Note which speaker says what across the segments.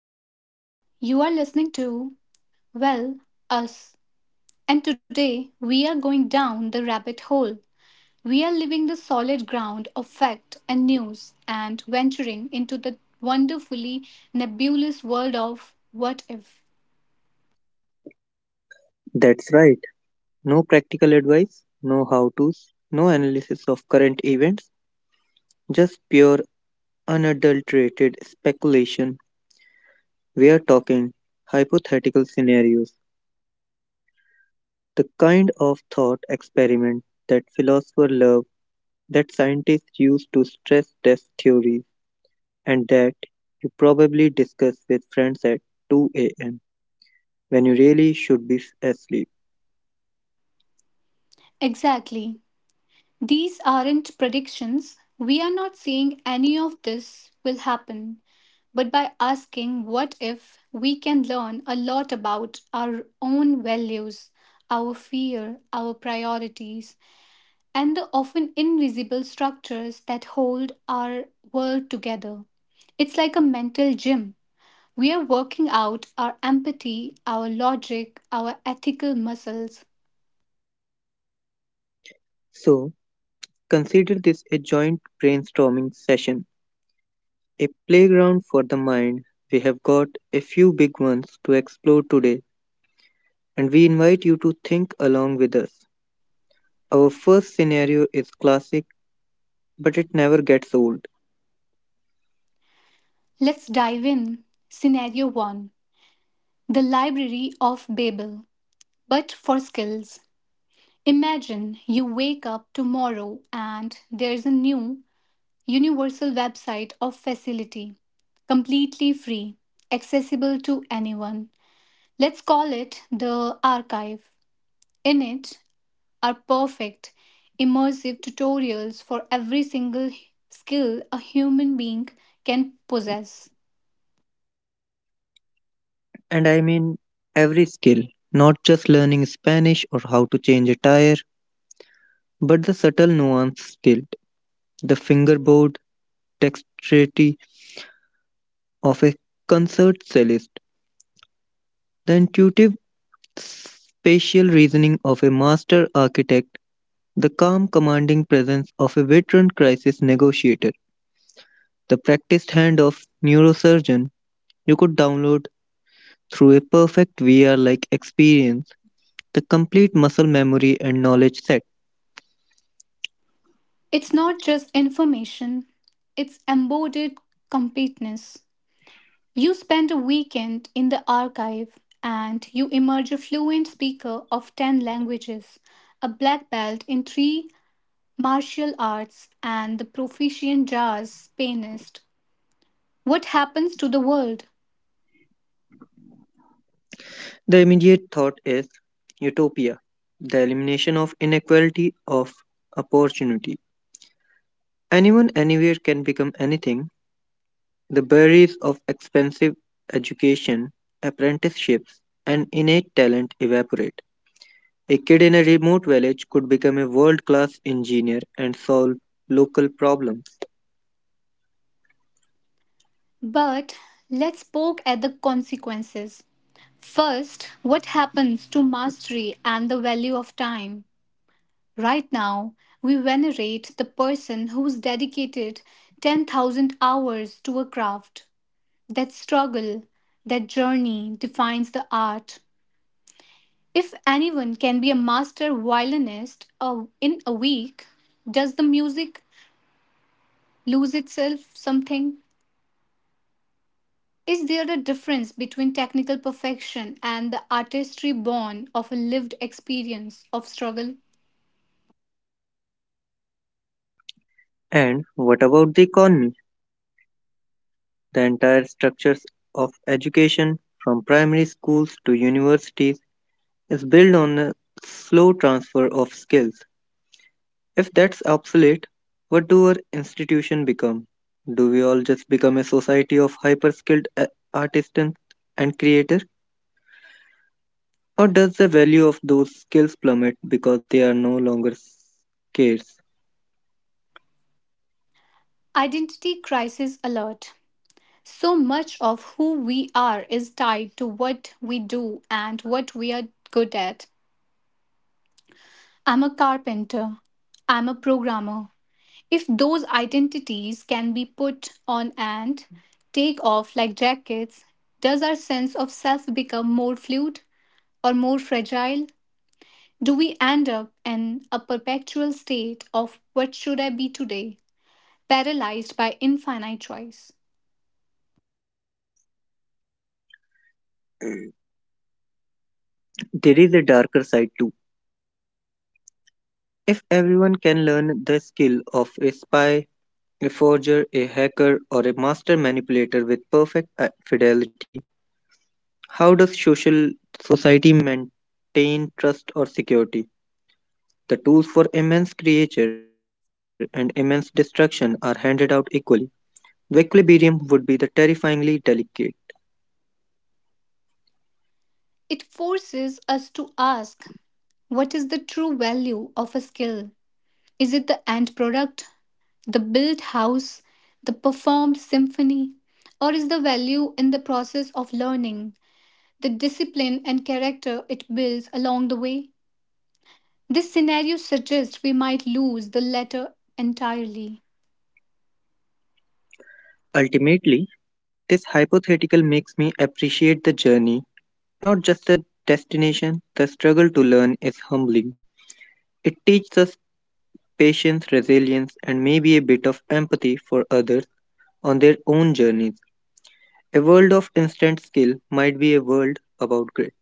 Speaker 1: and welcome. You are listening to, well, us. And today we are going down the rabbit hole. We are leaving the solid ground of fact and news and venturing into the wonderfully nebulous world of what if.
Speaker 2: That's right. No practical advice, no how to's, no analysis of current events, just pure unadulterated speculation. We are talking hypothetical scenarios, the kind of thought experiment that philosophers love, that scientists use to stress test theories, and that you probably discuss with friends at 2 a.m. when you really should be asleep.
Speaker 1: Exactly. These aren't predictions. We are not saying any of this will happen, but by asking what if, we can learn a lot about our own values, our fear, our priorities, and the often invisible structures that hold our world together. It's like a mental gym. We are working out our empathy, our logic, our ethical muscles.
Speaker 2: So, consider this a joint brainstorming session, a playground for the mind. We have got a few big ones to explore today, and we invite you to think along with us. Our first scenario is classic, but it never gets old.
Speaker 1: Let's dive in. Scenario 1: The Library of Babel, but for skills. Imagine you wake up tomorrow and there's a new universal website of facility, completely free, accessible to anyone. Let's call it the archive. In it are perfect, immersive tutorials for every single skill a human being can possess.
Speaker 2: And I mean every skill, not just learning Spanish or how to change a tire, but the subtle nuance skilled, the fingerboard dexterity of a concert cellist, the intuitive spatial reasoning of a master architect, the calm, commanding presence of a veteran crisis negotiator, the practiced hand of neurosurgeon you could download through a perfect VR like experience, the complete muscle memory and knowledge set.
Speaker 1: It's not just information, it's embodied competence. You spend a weekend in the archive and you emerge a fluent speaker of 10 languages, a black belt in three martial arts, and the proficient jazz pianist. What happens to the world?
Speaker 2: The immediate thought is utopia, the elimination of inequality of opportunity. Anyone anywhere can become anything. The barriers of expensive education, apprenticeships, and innate talent evaporate. A kid in a remote village could become a world class engineer and solve local problems.
Speaker 1: But let's poke at the consequences. First, what happens to mastery and the value of time? Right now, we venerate the person who's dedicated 10,000 hours to a craft. That struggle, that journey defines the art. If anyone can be a master violinist in a week, does the music lose itself something? Is there a difference between technical perfection and the artistry born of a lived experience of struggle?
Speaker 2: And what about the economy? The entire structures of education, from primary schools to universities, is built on the slow transfer of skills. If that's obsolete, what do our institution become? Do we all just become a society of hyper skilled artisans and creators? Or does the value of those skills plummet because they are no longer scarce?
Speaker 1: Identity crisis alert. So much of who we are is tied to what we do and what we are good at. I'm a carpenter. I'm a programmer. If those identities can be put on and take off like jackets, does our sense of self become more fluid or more fragile? Do we end up in a perpetual state of what should I be today, paralyzed by infinite choice?
Speaker 2: There is a darker side too. If everyone can learn the skill of a spy, a forger, a hacker, or a master manipulator with perfect fidelity, how does social society maintain trust or security? The tools for immense creation and immense destruction are handed out equally. The equilibrium would be the terrifyingly delicate.
Speaker 1: It forces us to ask, what is the true value of a skill? Is it the end product, the built house, the performed symphony, or is the value in the process of learning? The discipline and character it builds along the way? This scenario suggests we might lose the latter entirely.
Speaker 2: Ultimately, this hypothetical makes me appreciate the journey, not just the destination. The struggle to learn is humbling. It teaches us patience, resilience, and maybe a bit of empathy for others on their own journeys. A world of instant skill might be a world about grit.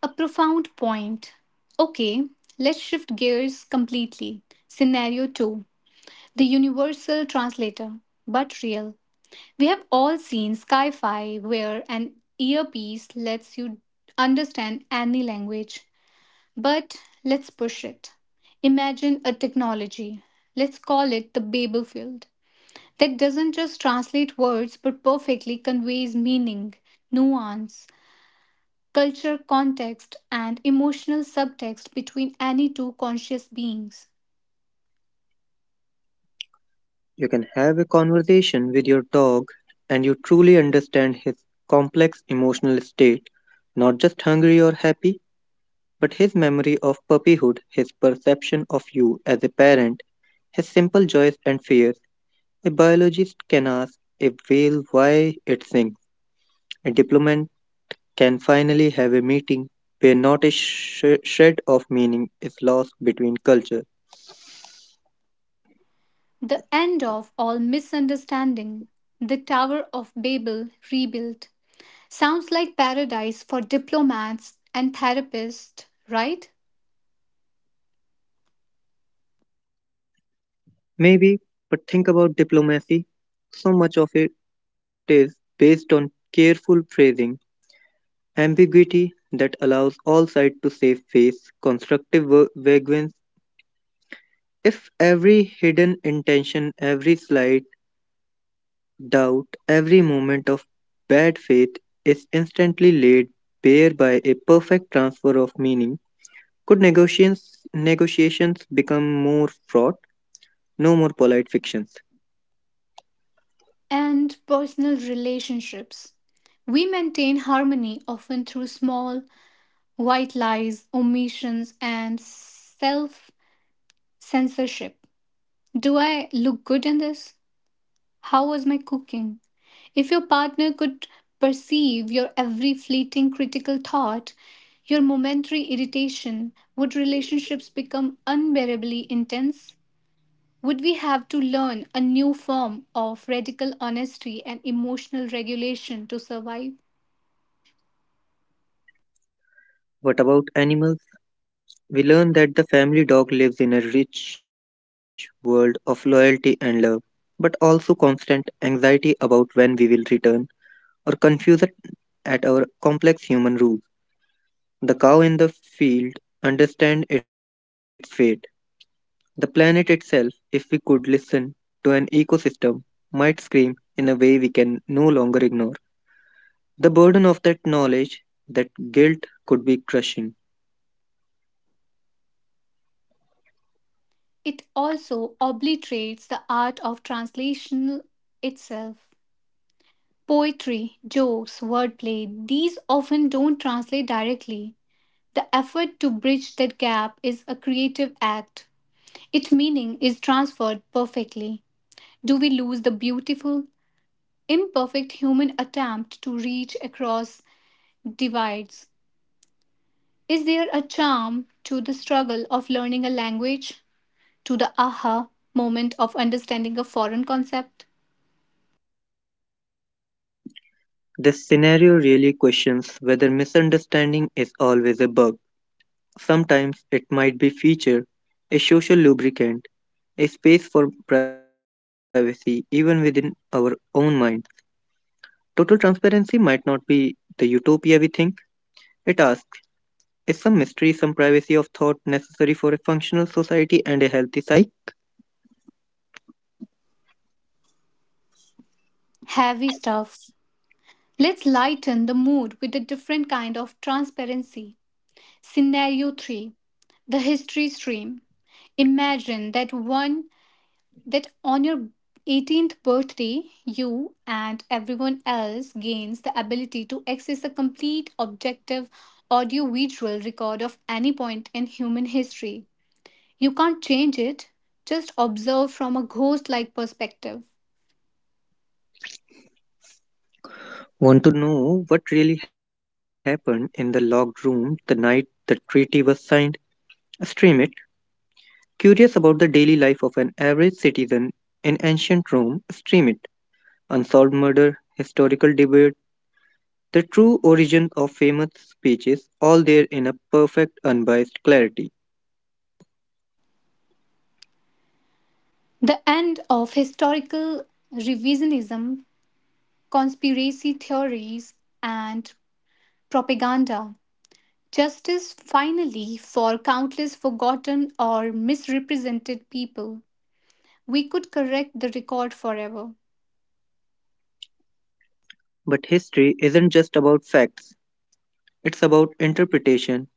Speaker 1: A profound point. Okay, let's shift gears completely. Scenario 2: The Universal Translator, but real. We have all seen Sky Fi where an earpiece lets you understand any language. But let's push it. Imagine a technology. Let's call it the Babel field, that doesn't just translate words but perfectly conveys meaning, nuance, culture, context, and emotional subtext between any two conscious beings.
Speaker 2: You can have a conversation with your dog and you truly understand his complex emotional state, not just hungry or happy, but his memory of puppyhood, his perception of you as a parent, his simple joys and fears. A biologist can ask a whale why it sings, a diplomat can finally have a meeting where not a shred of meaning is lost between cultures.
Speaker 1: The end of all misunderstanding, the Tower of Babel rebuilt, sounds like paradise for diplomats and therapists, right?
Speaker 2: Maybe, but think about diplomacy. So much of it is based on careful phrasing, ambiguity that allows all sides to save face, constructive vagueness. If every hidden intention, every slight doubt, every moment of bad faith is instantly laid bare by a perfect transfer of meaning, could negotiations become more fraught? No more polite fictions.
Speaker 1: And personal relationships. We maintain harmony often through small, white lies, omissions, and self censorship. Do I look good in this? How was my cooking? If your partner could perceive your every fleeting critical thought, your momentary irritation, would relationships become unbearably intense? Would we have to learn a new form of radical honesty and emotional regulation to survive?
Speaker 2: What about animals? We learn that the family dog lives in a rich world of loyalty and love, but also constant anxiety about when we will return or confused at our complex human rules. The cow in the field understands its fate. The planet itself, if we could listen to an ecosystem, might scream in a way we can no longer ignore. The burden of that knowledge, that guilt, could be crushing.
Speaker 1: It also obliterates the art of translation itself. Poetry, jokes, wordplay, these often don't translate directly. The effort to bridge that gap is a creative act. Its meaning is transferred perfectly. Do we lose the beautiful, imperfect human attempt to reach across divides? Is there a charm to the struggle of learning a language? To the aha moment of understanding a foreign concept?
Speaker 2: This scenario really questions whether misunderstanding is always a bug. Sometimes it might be feature, a social lubricant, a space for privacy even within our own mind. Total transparency might not be the utopia we think. It asks, is some mystery, some privacy of thought necessary for a functional society and a healthy psyche?
Speaker 1: Heavy stuff. Let's lighten the mood with a different kind of transparency. Scenario 3: The History Stream. Imagine that one that on your 18th birthday, you and everyone else gains the ability to access the complete objective audiovisual record of any point in human history. You can't change it, just observe from a ghost like perspective.
Speaker 2: Want to know what really happened in the locked room the night the treaty was signed? Stream it. Curious about the daily life of an average citizen in ancient Rome, stream it. Unsolved murder, historical debate, the true origin of famous speeches, all there in a perfect, unbiased clarity.
Speaker 1: The end of historical revisionism, conspiracy theories, and propaganda. Justice finally for countless forgotten or misrepresented people. We could correct the record forever.
Speaker 2: But history isn't just about facts, it's about interpretation.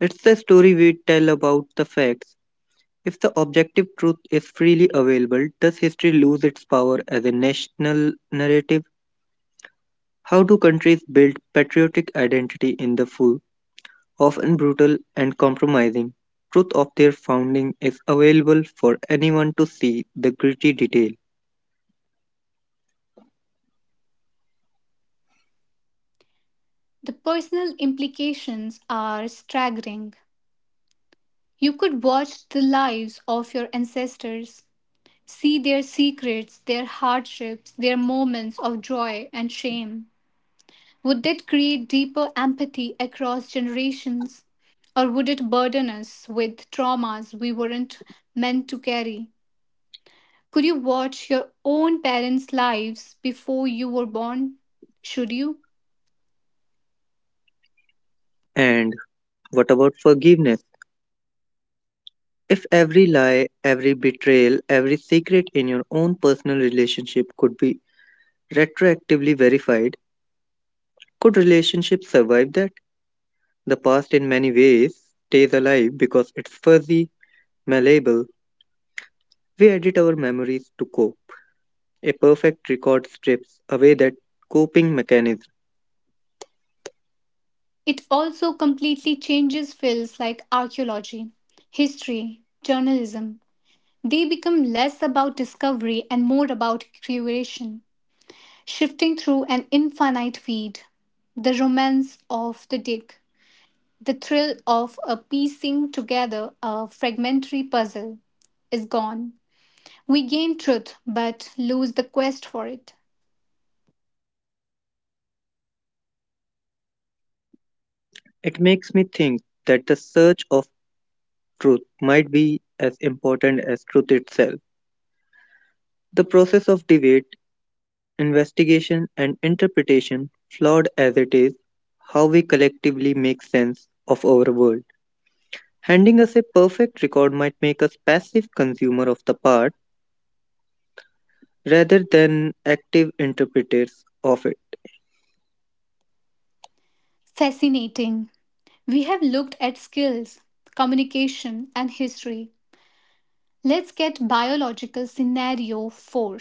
Speaker 2: It's the story we tell about the facts. If the objective truth is freely available, does history lose its power as a national narrative? How do countries build patriotic identity in the full, often brutal and compromising, truth of their founding is available for anyone to see the gritty detail.
Speaker 1: The personal implications are staggering. You could watch the lives of your ancestors, see their secrets, their hardships, their moments of joy and shame. Would that create deeper empathy across generations? Or would it burden us with traumas we weren't meant to carry? Could you watch your own parents' lives before you were born? Should you?
Speaker 2: And what about forgiveness? If every lie, every betrayal, every secret in your own personal relationship could be retroactively verified, could relationships survive that? The past, in many ways, stays alive because it's fuzzy, malleable. We edit our memories to cope. A perfect record strips away that coping mechanism.
Speaker 1: It also completely changes fields like archaeology, history, journalism. They become less about discovery and more about curation, shifting through an infinite feed. The romance of the dig, the thrill of a piecing together a fragmentary puzzle is gone. We gain truth but lose the quest for it.
Speaker 2: It makes me think that the search of truth might be as important as truth itself. The process of debate, investigation, and interpretation, flawed as it is, how we collectively make sense of our world. Handing us a perfect record might make us passive consumer of the part rather than active interpreters of it.
Speaker 1: Fascinating. We have looked at skills, communication, and history. Let's get biological. Scenario 4: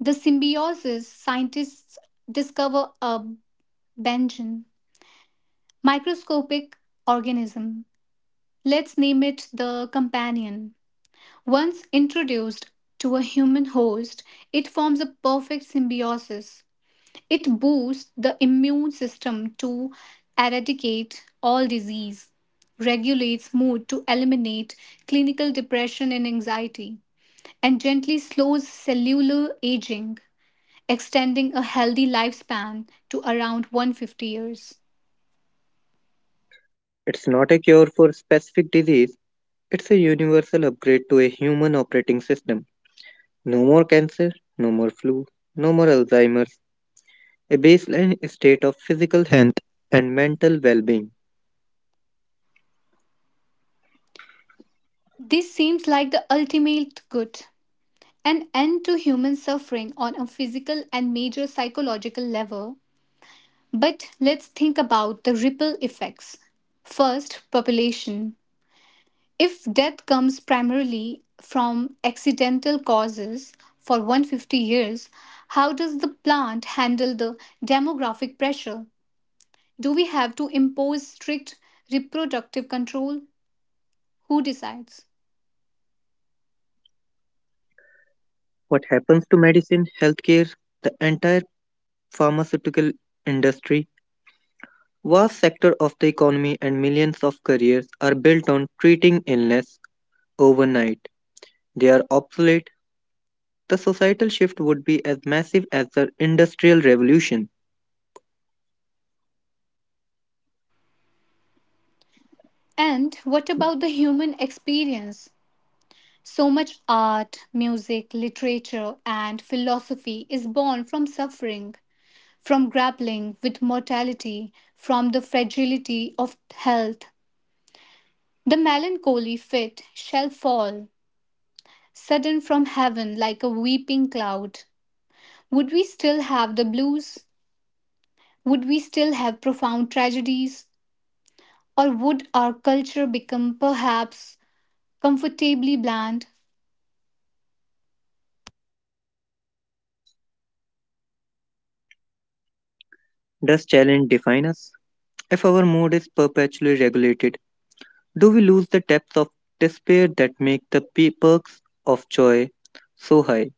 Speaker 1: The symbiosis scientists discover a benjen, microscopic organism. Let's name it the companion. Once introduced to a human host, it forms a perfect symbiosis. It boosts the immune system to eradicate all disease, regulates mood to eliminate clinical depression and anxiety, and gently slows cellular aging, extending a healthy lifespan to around 150 years.
Speaker 2: It's not a cure for specific disease, it's a universal upgrade to a human operating system. No more cancer, no more flu, no more Alzheimer's. A baseline state of physical health and mental well being.
Speaker 1: This seems like the ultimate good, an end to human suffering on a physical and major psychological level. But let's think about the ripple effects. First, population. If death comes primarily from accidental causes for 150 years, how does the plant handle the demographic pressure? Do we have to impose strict reproductive control? Who decides?
Speaker 2: What happens to medicine, healthcare, the entire pharmaceutical industry, vast sector of the economy and millions of careers are built on treating illness overnight. They are obsolete. The societal shift would be as massive as the industrial revolution.
Speaker 1: And what about the human experience? So much art, music, literature, and philosophy is born from suffering, from grappling with mortality, from the fragility of health. The melancholy fit shall fall sudden from heaven like a weeping cloud. Would we still have the blues? Would we still have profound tragedies? Or would our culture become perhaps comfortably bland?
Speaker 2: Does challenge define us? If our mood is perpetually regulated, do we lose the depths of despair that make the perks of joy so high?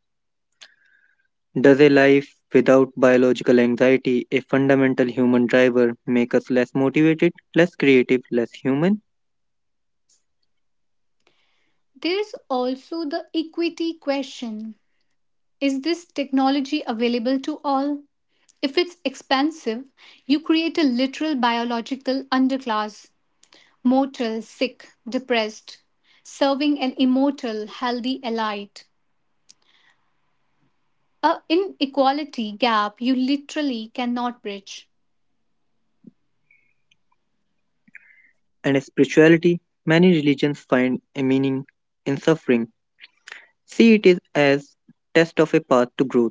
Speaker 2: Does a life without biological anxiety, a fundamental human driver, make us less motivated, less creative, less human?
Speaker 1: There's also the equity question. Is this technology available to all? If it's expensive, you create a literal biological underclass. Mortal, sick, depressed, serving an immortal, healthy elite. A inequality gap you literally cannot bridge.
Speaker 2: And spirituality, many religions find a meaning in suffering. See it is as test of a path to growth.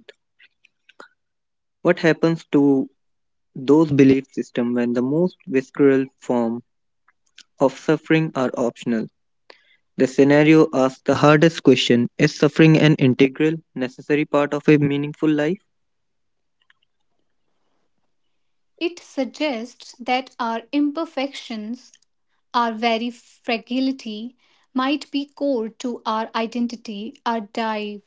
Speaker 2: What happens to those belief systems when the most visceral form of suffering are optional? The scenario asks the hardest question, is suffering an integral, necessary part of a meaningful life?
Speaker 1: It suggests that our imperfections, our very fragility, might be core to our identity, our drive,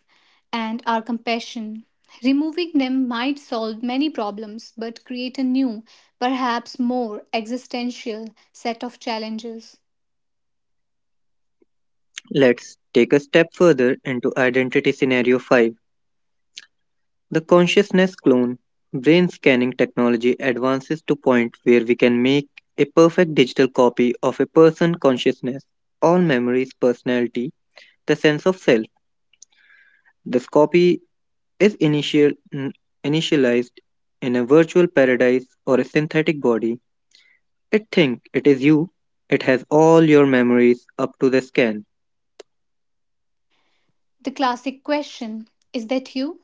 Speaker 1: and our compassion. Removing them might solve many problems but create a new, perhaps more existential set of challenges.
Speaker 2: Let's take a step further into identity scenario 5. The consciousness clone brain scanning technology advances to point where we can make a perfect digital copy of a person's consciousness, all memories, personality, the sense of self. This copy is initialized in a virtual paradise or a synthetic body. It thinks it is you. It has all your memories up to the scan.
Speaker 1: The classic question, is that you?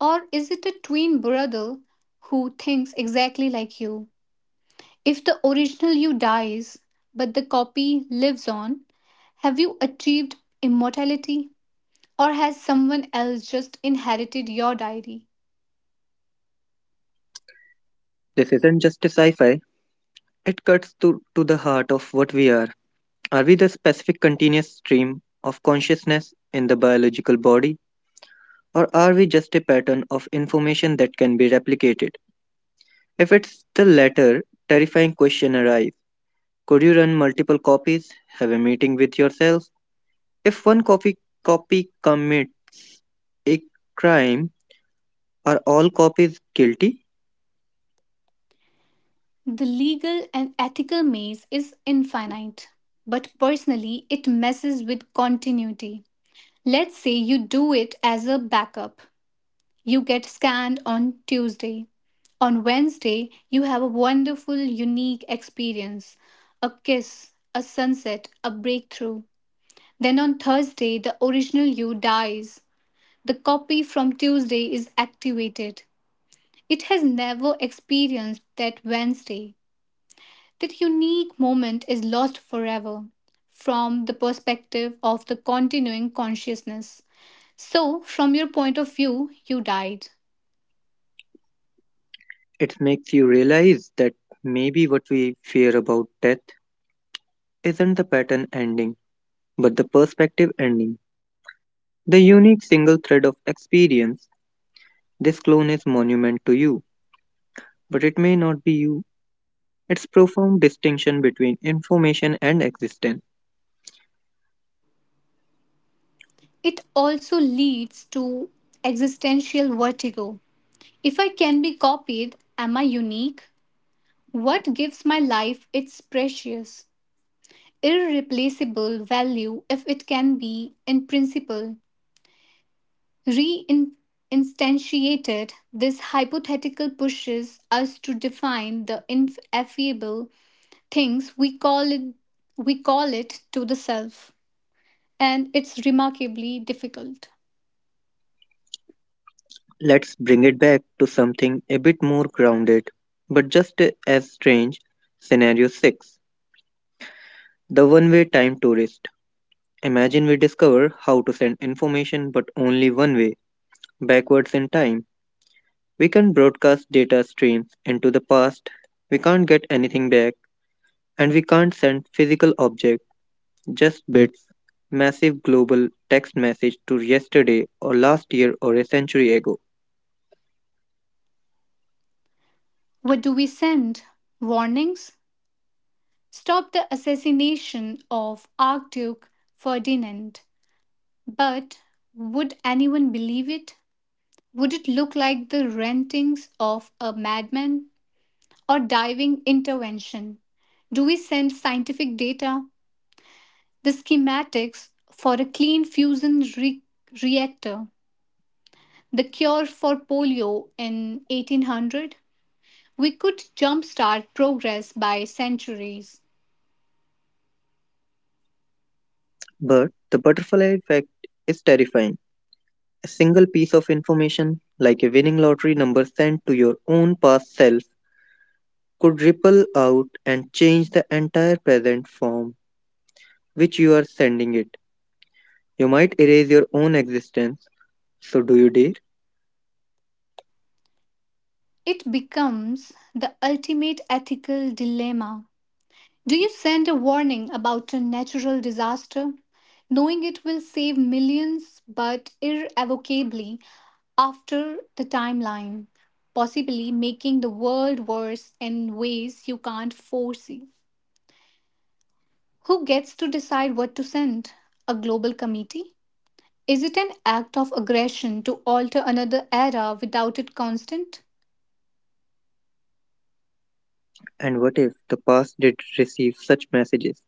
Speaker 1: Or is it a twin brother who thinks exactly like you? If the original you dies, but the copy lives on, have you achieved immortality? Or has someone else just inherited your diary?
Speaker 2: This isn't just a sci-fi. It cuts to the heart of what we are. Are we the specific continuous stream of consciousness in the biological body, or are we just a pattern of information that can be replicated? If it's the latter, terrifying question arises. Could you run multiple copies, have a meeting with yourself? If one copy commit a crime, are all copies guilty?
Speaker 1: The legal and ethical maze is infinite, but personally, it messes with continuity. Let's say you do it as a backup. You get scanned on Tuesday. On Wednesday, you have a wonderful, unique experience: a kiss, a sunset, a breakthrough. Then on Thursday, the original you dies. The copy from Tuesday is activated. It has never experienced that Wednesday. That unique moment is lost forever from the perspective of the continuing consciousness. So, from your point of view, you died.
Speaker 2: It makes you realize that maybe what we fear about death isn't the pattern ending, but the perspective ending. The unique single thread of experience, this clone is monument to you, but it may not be you. It's profound distinction between information and existence.
Speaker 1: It also leads to existential vertigo. If I can be copied, am I unique? What gives my life its precious, irreplaceable value if it can be, in principle, re instantiated, This hypothetical pushes us to define the ineffable things we call it to the self, and it's remarkably difficult.
Speaker 2: Let's bring it back to something a bit more grounded, but just as strange. Scenario 6, the one way time tourist. Imagine we discover how to send information but only one way, backwards in time. We can broadcast data streams into the past, we can't get anything back, and we can't send physical objects, just bits, massive global text message to yesterday or last year or a century ago.
Speaker 1: What do we send? Warnings? Stopped the assassination of Archduke Ferdinand. But would anyone believe it? Would it look like the rantings of a madman or diving intervention? Do we send scientific data, the schematics for a clean fusion reactor, the cure for polio in 1800? We could jumpstart progress by centuries.
Speaker 2: But the butterfly effect is terrifying. A single piece of information, like a winning lottery number sent to your own past self, could ripple out and change the entire present form which you are sending it. You might erase your own existence. So, do you dare?
Speaker 1: It becomes the ultimate ethical dilemma. Do you send a warning about a natural disaster, knowing it will save millions but irrevocably after the timeline, possibly making the world worse in ways you can't foresee? Who gets to decide what to send? A global committee? Is it an act of aggression to alter another era without it constant?
Speaker 2: And what if the past did receive such messages?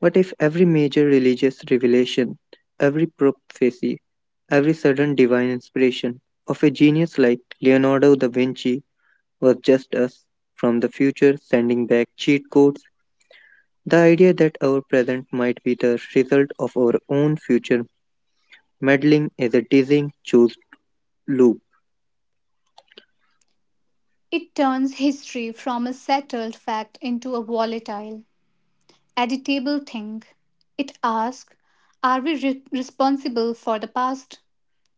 Speaker 2: What if every major religious revelation, every prophecy, every sudden divine inspiration of a genius like Leonardo da Vinci was just us from the future sending back cheat codes? The idea that our present might be the result of our own future meddling is a dizzying choose loop.
Speaker 1: It turns history from a settled fact into a volatile, editable thing. It asks, are we responsible for the past?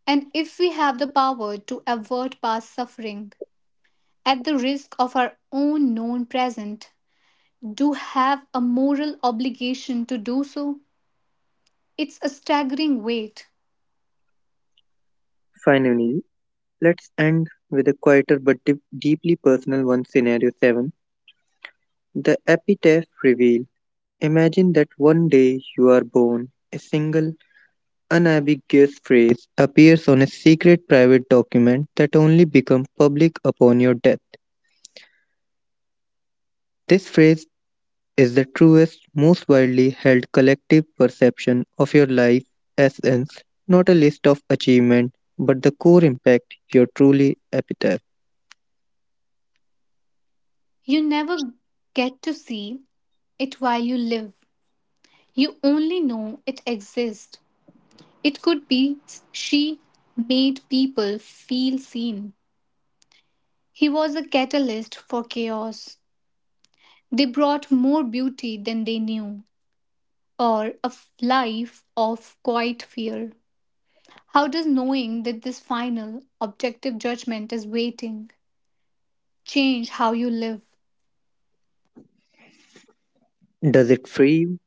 Speaker 1: And if we have the power to avert past suffering at the risk of our own known present, do have a moral obligation to do so? It's a staggering weight.
Speaker 2: Finally, let's end with a quieter but deeply personal one scenario 7, the epitaph reveal. Imagine that one day you are born. A single unambiguous phrase appears on a secret private document that only becomes public upon your death. This phrase is the truest, most widely held collective perception of your life essence, not a list of achievement, but the core impact, your truly epitaph.
Speaker 1: You never get to see it while you live. You only know it exists. It could be, she made people feel seen. He was a catalyst for chaos. They brought more beauty than they knew, or a life of quiet fear. How does knowing that this final, objective judgment is waiting change how you live?
Speaker 2: Does it free you,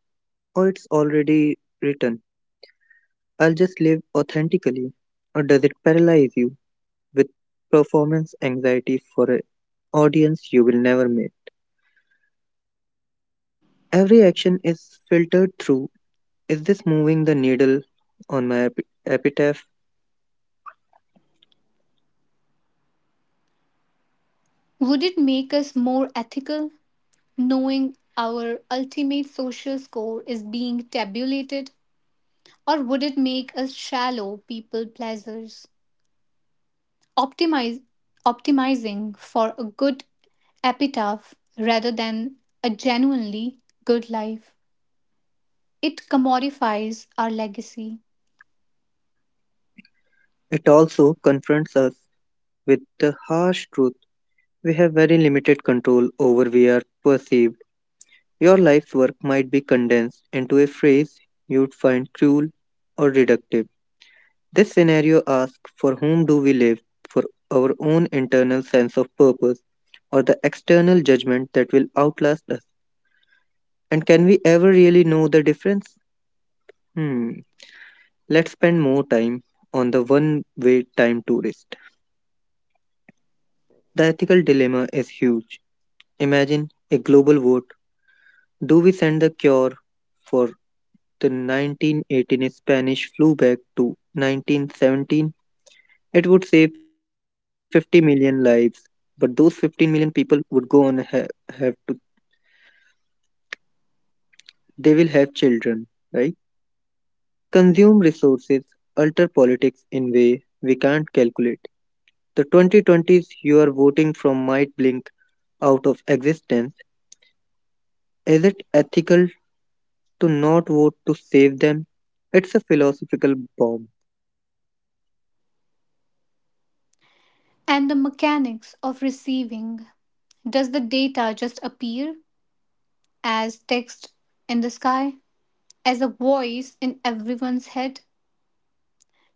Speaker 2: or it's already written? I'll just live authentically, or does it paralyze you with performance anxiety for an audience you will never meet? Every action is filtered through, is this moving the needle on my epitaph?
Speaker 1: Would it make us more ethical, knowing our ultimate social score is being tabulated, or would it make us shallow people pleasers? optimize, Optimizing for a good epitaph rather than a genuinely good life. It commodifies our legacy.
Speaker 2: It also confronts us with the harsh truth. We have very limited control over we are perceived. Your life's work might be condensed into a phrase you'd find cruel or reductive. This scenario asks for whom do we live, for our own internal sense of purpose or the external judgment that will outlast us. And can we ever really know the difference? Hmm, let's spend more time on the one way time tourist. The ethical dilemma is huge. Imagine a global vote. Do we send the cure for the 1918 Spanish flew back to 1917, it would save 50 million lives. But those 15 million people would go on ha- have to they will have children, right? Consume resources, alter politics in way we can't calculate. The 2020s you are voting from might blink out of existence. Is it ethical to not vote to save them? It's a philosophical bomb.
Speaker 1: And the mechanics of receiving, does the data just appear as text in the sky, as a voice in everyone's head,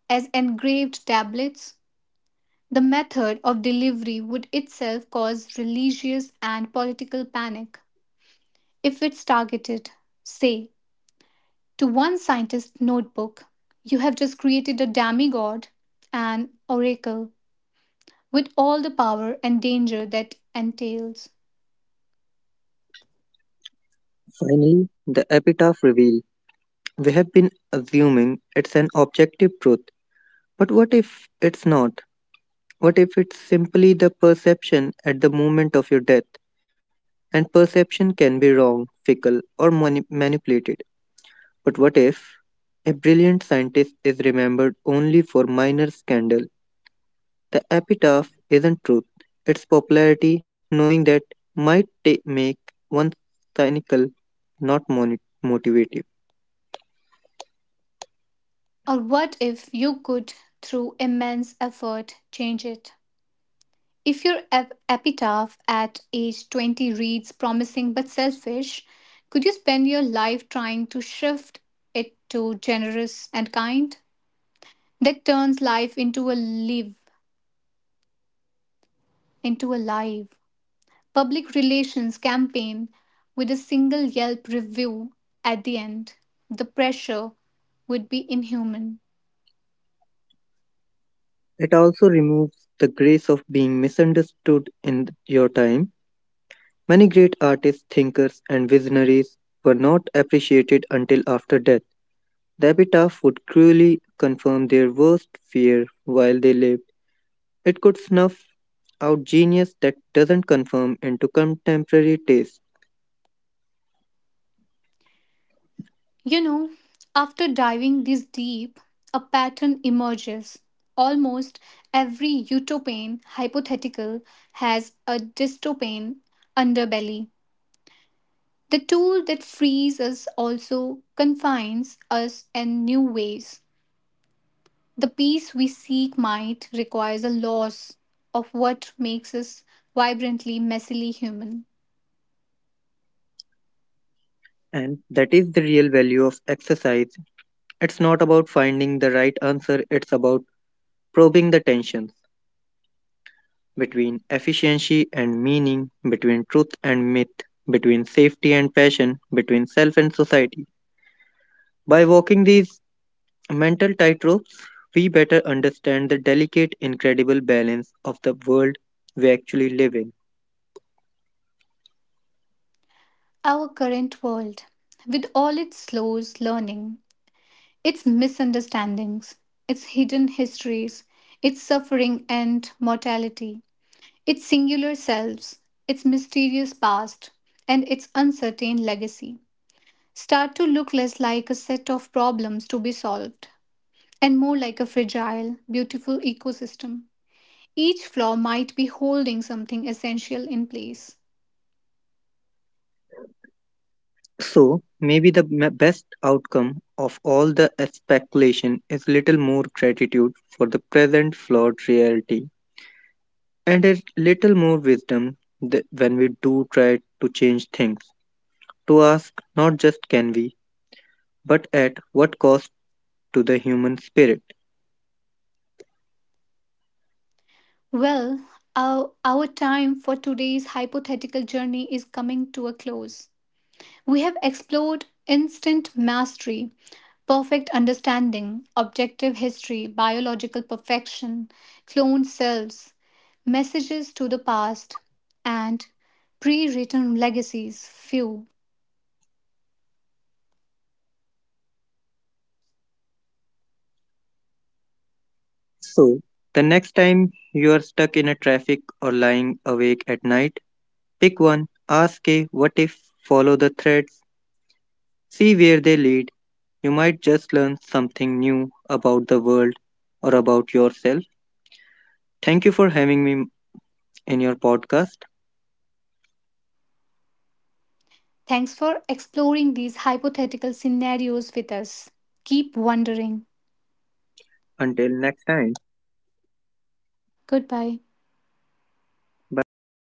Speaker 1: as engraved tablets? The method of delivery would itself cause religious and political panic. If it's targeted, say, to one scientist's notebook, you have just created a demigod, an oracle, with all the power and danger that entails.
Speaker 2: Finally, the epitaph reveals. We have been assuming it's an objective truth, but what if it's not? What if it's simply the perception at the moment of your death? And perception can be wrong, fickle, or manipulated. But what if a brilliant scientist is remembered only for minor scandal? The epitaph isn't truth. It's popularity, knowing that might make one cynical, not motivated.
Speaker 1: Or what if you could, through immense effort, change it? If your epitaph at age 20 reads promising but selfish, could you spend your life trying to shift it to generous and kind? That turns life into a live public relations campaign with a single Yelp review at the end. The pressure would be inhuman.
Speaker 2: It also removes the grace of being misunderstood in your time. Many great artists, thinkers, and visionaries were not appreciated until after death. The epitaph would cruelly confirm their worst fear while they lived. It could snuff out genius that doesn't conform into contemporary taste.
Speaker 1: You know, after diving this deep, a pattern emerges. Almost every utopian hypothetical has a dystopian underbelly. The tool that frees us also confines us in new ways. The peace we seek might requires a loss of what makes us vibrantly, messily human.
Speaker 2: And that is the real value of exercise. It's not about finding the right answer, it's about probing the tensions between efficiency and meaning, between truth and myth, between safety and passion, between self and society. By walking these mental tightropes, we better understand the delicate, incredible balance of the world we actually live in.
Speaker 1: Our current world, with all its slows learning, its misunderstandings, its hidden histories, its suffering and mortality, its singular selves, its mysterious past, and its uncertain legacy, start to look less like a set of problems to be solved and more like a fragile, beautiful ecosystem. Each flaw might be holding something essential in place.
Speaker 2: So, maybe the best outcome of all the speculation is little more gratitude for the present flawed reality and a little more wisdom when we do try to change things, to ask not just can we, but at what cost to the human spirit.
Speaker 1: Well, our time for today's hypothetical journey is coming to a close. We have explored instant mastery, perfect understanding, objective history, biological perfection, cloned selves, messages to the past, and pre written legacies. Few.
Speaker 2: So, the next time you are stuck in a traffic or lying awake at night, pick one, ask a what if, follow the threads, see where they lead. You might just learn something new about the world or about yourself. Thank you for having me in your podcast.
Speaker 1: Thanks for exploring these hypothetical scenarios with us. Keep wondering.
Speaker 2: Until next time.
Speaker 1: Goodbye.